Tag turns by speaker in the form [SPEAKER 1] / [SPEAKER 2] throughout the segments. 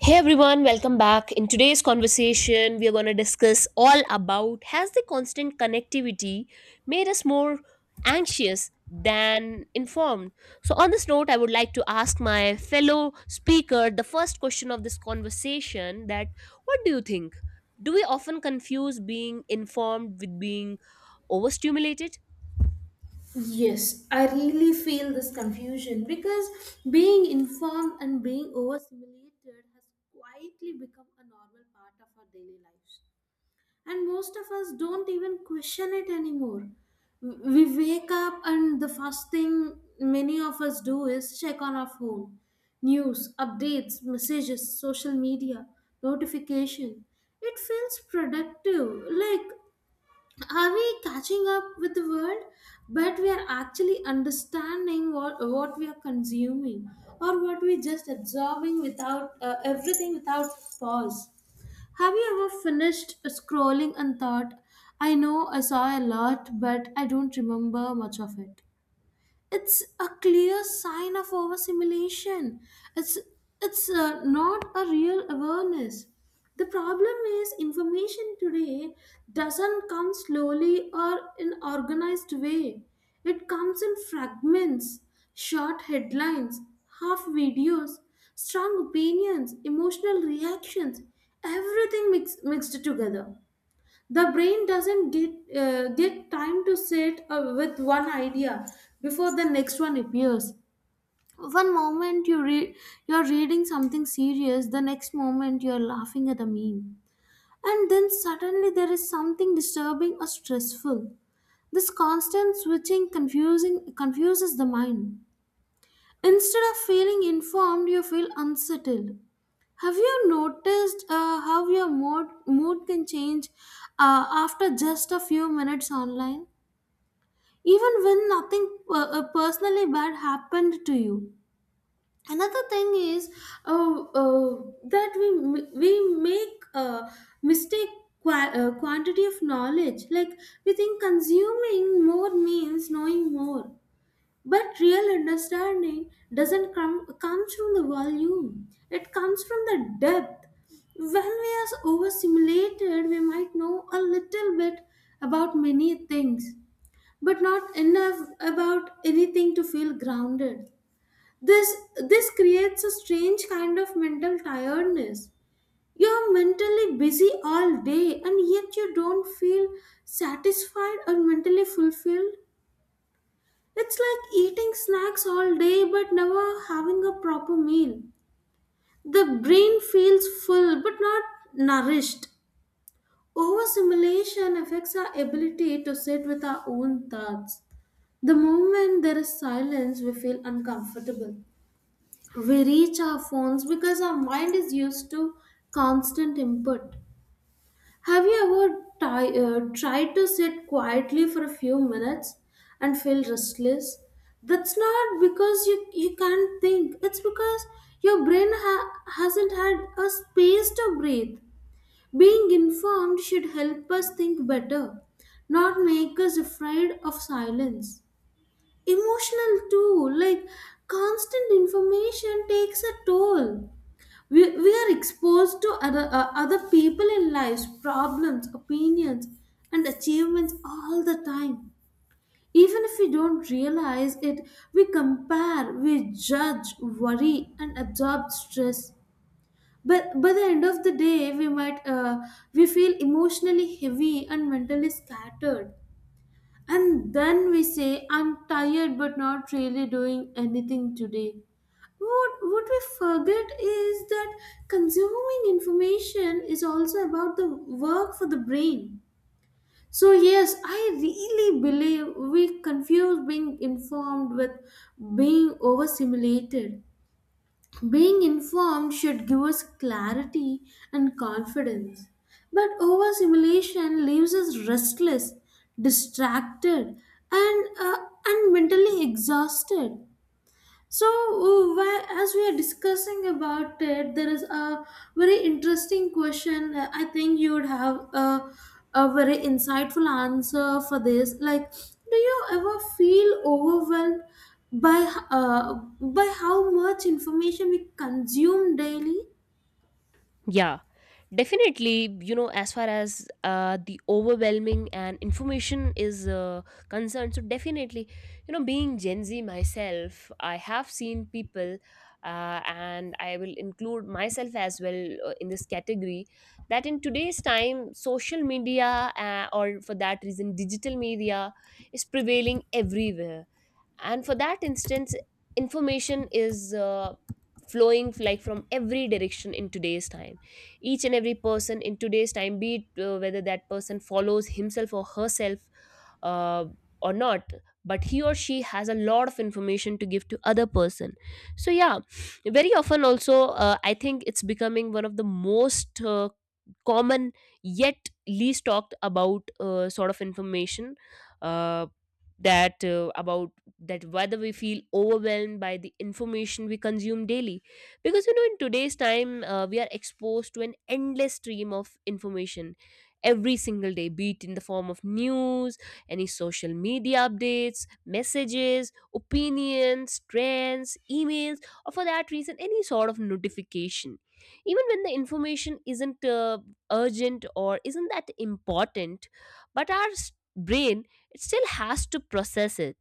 [SPEAKER 1] Hey everyone, welcome back. In today's conversation, we are going to discuss all about has the constant connectivity made us more anxious than informed? So, on this note, I would like to ask my fellow speaker the first question of this conversation that what do you think? Do we often confuse being informed with being overstimulated?
[SPEAKER 2] Yes, I really feel this confusion because being informed and being overstimulated has quietly become a normal part of our daily lives. And most of us don't even question it anymore. We wake up, and the first thing many of us do is check on our phone news, updates, messages, social media, notification. It feels productive, like are we catching up with the world, but we are actually understanding what we are consuming or what we just absorbing without everything without pause. Have you ever finished scrolling and thought, I know I saw a lot but I don't remember much of it? It's a clear sign of overstimulation. It's it's not a real awareness. The problem is information today doesn't come slowly or in organized way. It comes in fragments, short headlines, half videos, strong opinions, emotional reactions, everything mixed together. The brain doesn't get time to sit with one idea before the next one appears. One moment you're reading something serious, the next moment you're laughing at a meme, and then suddenly there is something disturbing or stressful. This constant switching confusing confuses the mind. Instead of feeling informed you feel unsettled. Have you noticed how your mood can change after just a few minutes online? Even when nothing personally bad happened to you. Another thing is uh, uh, that we make mistake quantity of knowledge. Like we think consuming more means knowing more, but real understanding doesn't come comes from the volume. It comes from the depth. When we are overstimulated, we might know a little bit about many things, but not enough about anything to feel grounded. This this creates a strange kind of mental tiredness. You're mentally busy all day and yet you don't feel satisfied or mentally fulfilled. It's like eating snacks all day but never having a proper meal. The brain feels full but not nourished. Overstimulation affects our ability to sit with our own thoughts. The moment there is silence, we feel uncomfortable. We reach our phones because our mind is used to constant input. Have you ever tried to sit quietly for a few minutes and feel restless? That's not because you can't think, it's because your brain hasn't had a space to breathe. Being informed should help us think better, not make us afraid of silence. Emotional too, like constant information takes a toll. We are exposed to other people in lives, problems, opinions, and achievements all the time. Even if we don't realize it, we compare, we judge, worry, and absorb stress. But by the end of the day, we feel emotionally heavy and mentally scattered. And then we say, I'm tired but not really doing anything today. What we forget is that consuming information is also about the work for the brain. So, yes, I really believe we confuse being informed with being overstimulated. Being informed should give us clarity and confidence, but overstimulation leaves us restless, distracted, and, uh, and mentally exhausted. So, as we are discussing about it, there is a very interesting question. I think you would have a very insightful answer for this. Like, do you ever feel overwhelmed by uh, by how much information we consume daily?
[SPEAKER 1] Yeah, definitely. You know, as far as the overwhelming and information is concerned, so definitely, you know, being Gen Z myself, I have seen people, and I will include myself as well in this category, that in today's time, social media, or for that reason, digital media is prevailing everywhere, and for that instance information is flowing like from every direction in today's time. Each and every person in today's time, be it whether that person follows himself or herself, uh, or not, but he or she has a lot of information to give to other person. So yeah, very often also, I think it's becoming one of the most common yet least talked about sort of information, uh, that about that whether we feel overwhelmed by the information we consume daily, because you know, in today's time we are exposed to an endless stream of information every single day, be it in the form of news, any social media updates, messages, opinions, trends, emails, or for that reason any sort of notification. Even when the information isn't urgent or isn't that important, but our brain, it still has to process it,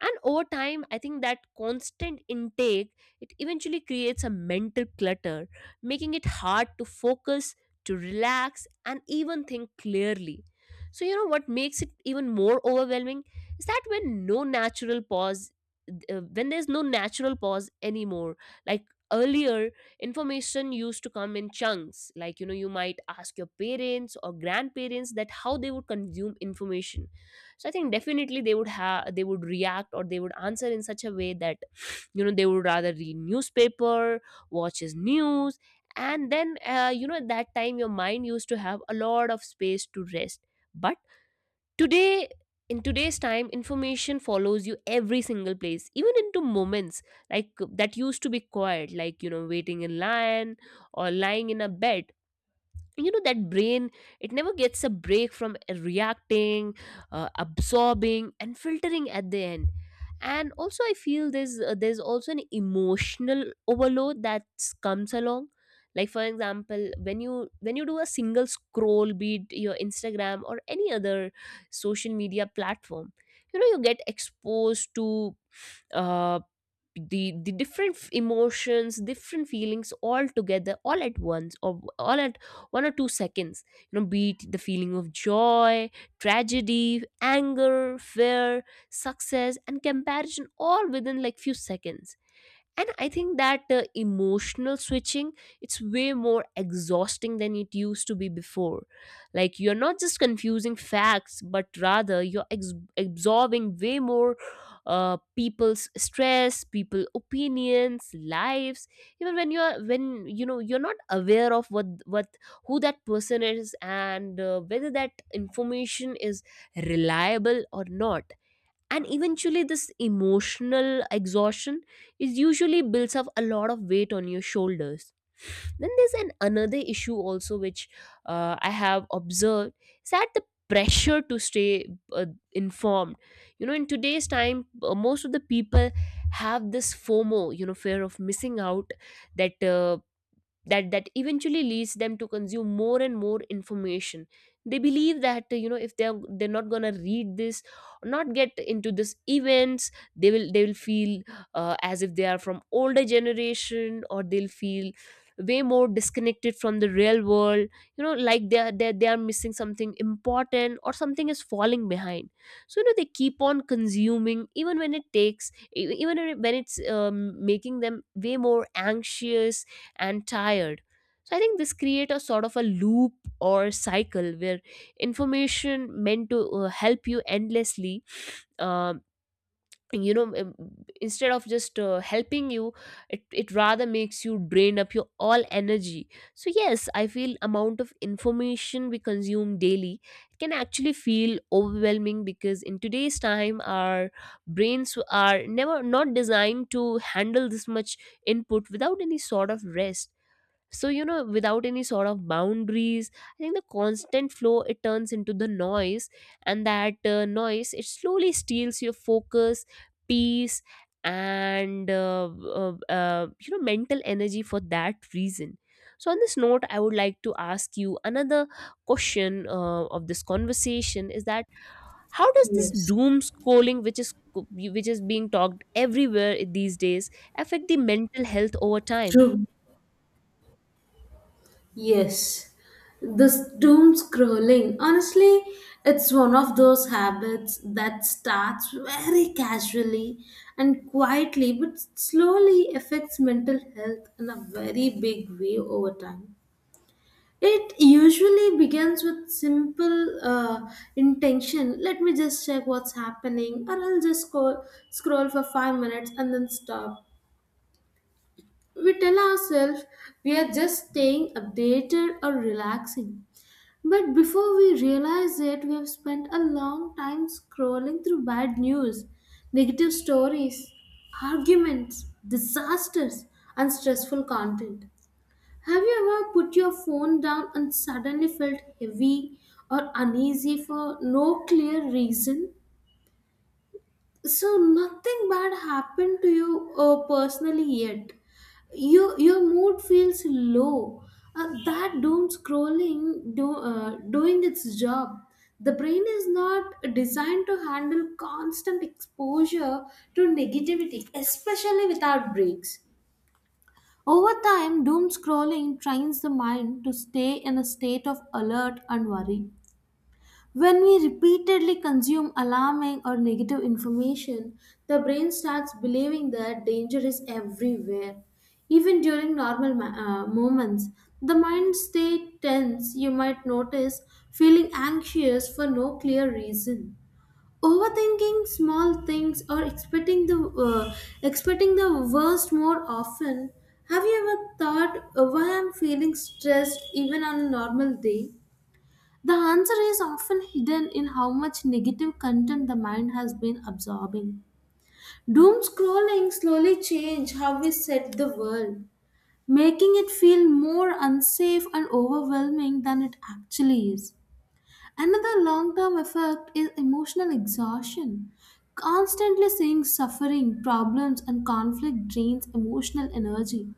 [SPEAKER 1] and over time I think that constant intake, it eventually creates a mental clutter, making it hard to focus, to relax, and even think clearly. So, you know what makes it even more overwhelming is that when no natural pause, when there's no natural pause anymore, like earlier, information used to come in chunks. Like, you know, you might ask your parents or grandparents that how they would consume information. So I think definitely they would react or they would answer in such a way that you know they would rather read newspaper, watches news, and then you know, at that time your mind used to have a lot of space to rest. But today, in today's time, information follows you every single place, even into moments like that used to be quiet, like you know, waiting in line or lying in a bed. You know that brain, it never gets a break from reacting, absorbing and filtering at the end. And also I feel there's also an emotional overload that comes along, like for example when you do a single scroll, be it your Instagram or any other social media platform, you know you get exposed to uh, the different emotions, different feelings, all together, all at once, or all at 1 or 2 seconds. You know, be it the feeling of joy, tragedy, anger, fear, success, and comparison, all within like few seconds. And I think that emotional switching, it's way more exhausting than it used to be before. Like you're not just confusing facts, but rather you're absorbing way more people's stress, people opinions, lives, even when you know you're not aware of what who that person is, and whether that information is reliable or not. And eventually this emotional exhaustion is usually builds up a lot of weight on your shoulders. Then there's an another issue also which I have observed, is that the pressure to stay uh, informed. You know, in today's time most of the people have this FOMO, you know, fear of missing out, that that eventually leads them to consume more and more information. They believe that you know, if they're not gonna read this or not get into this events, they will feel as if they are from older generation, or they'll feel way more disconnected from the real world. You know, like they are missing something important, or something is falling behind. So you know, they keep on consuming even when it takes, even when it's making them way more anxious and tired. So I think this create a sort of a loop or cycle where information meant to help you endlessly, um, you know, instead of just helping you, it rather makes you drain up your all energy. So yes, I feel amount of information we consume daily can actually feel overwhelming, because in today's time our brains are never not designed to handle this much input without any sort of rest. So you know, without any sort of boundaries, I think the constant flow, it turns into the noise, and that noise, it slowly steals your focus, peace, and you know, mental energy for that reason. So on this note, I would like to ask you another question of this conversation, is that how does this
[SPEAKER 2] Yes,
[SPEAKER 1] doom scrolling, which is being talked everywhere these days, affect the mental health over time?
[SPEAKER 2] true. Yes, this doom scrolling, honestly, it's one of those habits that starts very casually and quietly, but slowly affects mental health in a very big way over time. It usually begins with simple intention. Let me just check what's happening, or I'll just scroll for 5 minutes and then stop. We tell ourselves we are just staying updated or relaxing, but before we realize it, we have spent a long time scrolling through bad news, negative stories, arguments, disasters, and stressful content. Have you ever put your phone down and suddenly felt heavy or uneasy for no clear reason? So nothing bad happened to you personally yet. You, your mood feels low. That doom scrolling doing its job. The brain is not designed to handle constant exposure to negativity, especially without breaks. Over time, doom scrolling trains the mind to stay in a state of alert and worry. When we repeatedly consume alarming or negative information, the brain starts believing that danger is everywhere. Even during normal moments, the mind stays tense. You might notice feeling anxious for no clear reason. Overthinking small things or uh, expecting the worst more often. Have you ever thought, why I'm feeling stressed even on a normal day? The answer is often hidden in how much negative content the mind has been absorbing. Doom scrolling slowly changed how we set the world, making it feel more unsafe and overwhelming than it actually is. Another long term effect is emotional exhaustion. Constantly seeing suffering, problems, and conflict drains emotional energy.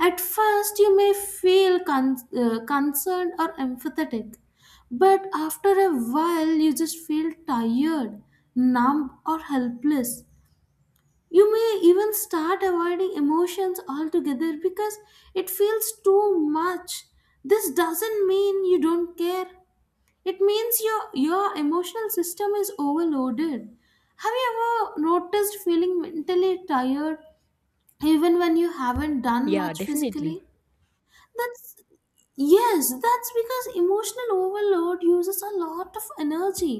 [SPEAKER 2] At first, you may feel concerned or empathetic, but after a while, you just feel tired, numb, or helpless. You may even start avoiding emotions altogether because it feels too much. This doesn't mean you don't care. It means your emotional system is overloaded. Have you ever noticed feeling mentally tired even when you haven't done
[SPEAKER 1] Yeah,
[SPEAKER 2] much physically?
[SPEAKER 1] definitely.
[SPEAKER 2] That's yes, that's because emotional overload uses a lot of energy.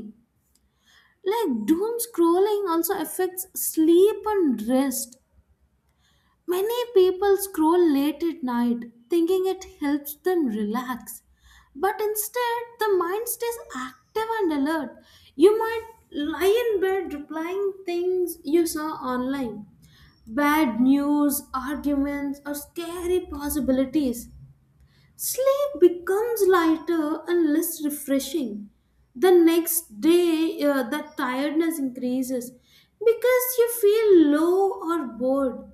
[SPEAKER 2] Like doom scrolling also affects sleep and rest. Many people scroll late at night thinking it helps them relax. But instead, the mind stays active and alert. You might lie in bed replying things you saw online, bad news, arguments, or scary possibilities. Sleep becomes lighter and less refreshing. The next day, the tiredness increases. Because you feel low or bored,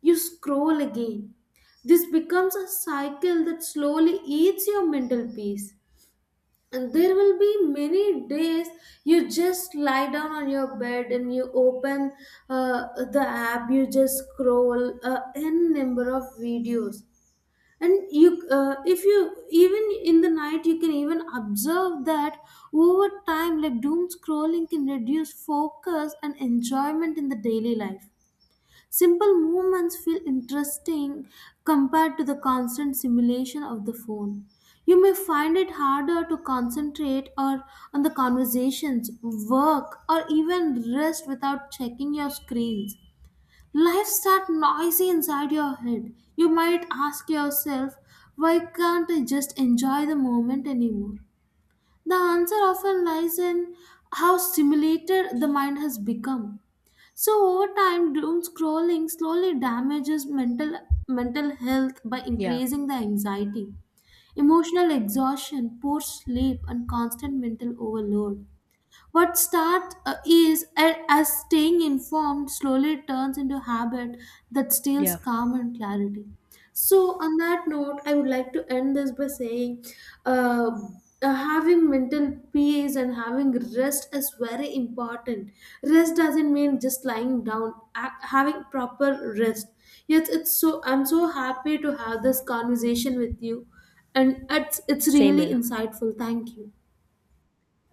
[SPEAKER 2] you scroll again. This becomes a cycle that slowly eats your mental peace. And there will be many days you just lie down on your bed and you open uh, the app, you just scroll n number of videos, and you, if you, even in the night you can even observe that over time, like, doom scrolling can reduce focus and enjoyment in the daily life. Simple movements feel interesting compared to the constant simulation of the phone. You may find it harder to concentrate or on the conversations, work, or even rest without checking your screens. Life starts noisy inside your head. You might ask yourself, why can't I just enjoy the moment anymore? The answer often lies in how stimulated the mind has become. So over time, doom scrolling slowly damages mental health by
[SPEAKER 1] Yeah.
[SPEAKER 2] increasing the anxiety, emotional exhaustion, poor sleep, and constant mental overload. What start is a- As staying informed slowly turns into habit that steals
[SPEAKER 1] Yeah.
[SPEAKER 2] calm and clarity. So, on that note, I would like to end this by saying uh, having mental peace and having rest is very important. Rest doesn't mean just lying down, having proper rest. Yes, it's, so I'm so happy to have this conversation with you, and it's
[SPEAKER 1] Same
[SPEAKER 2] really
[SPEAKER 1] here.
[SPEAKER 2] insightful. Thank you.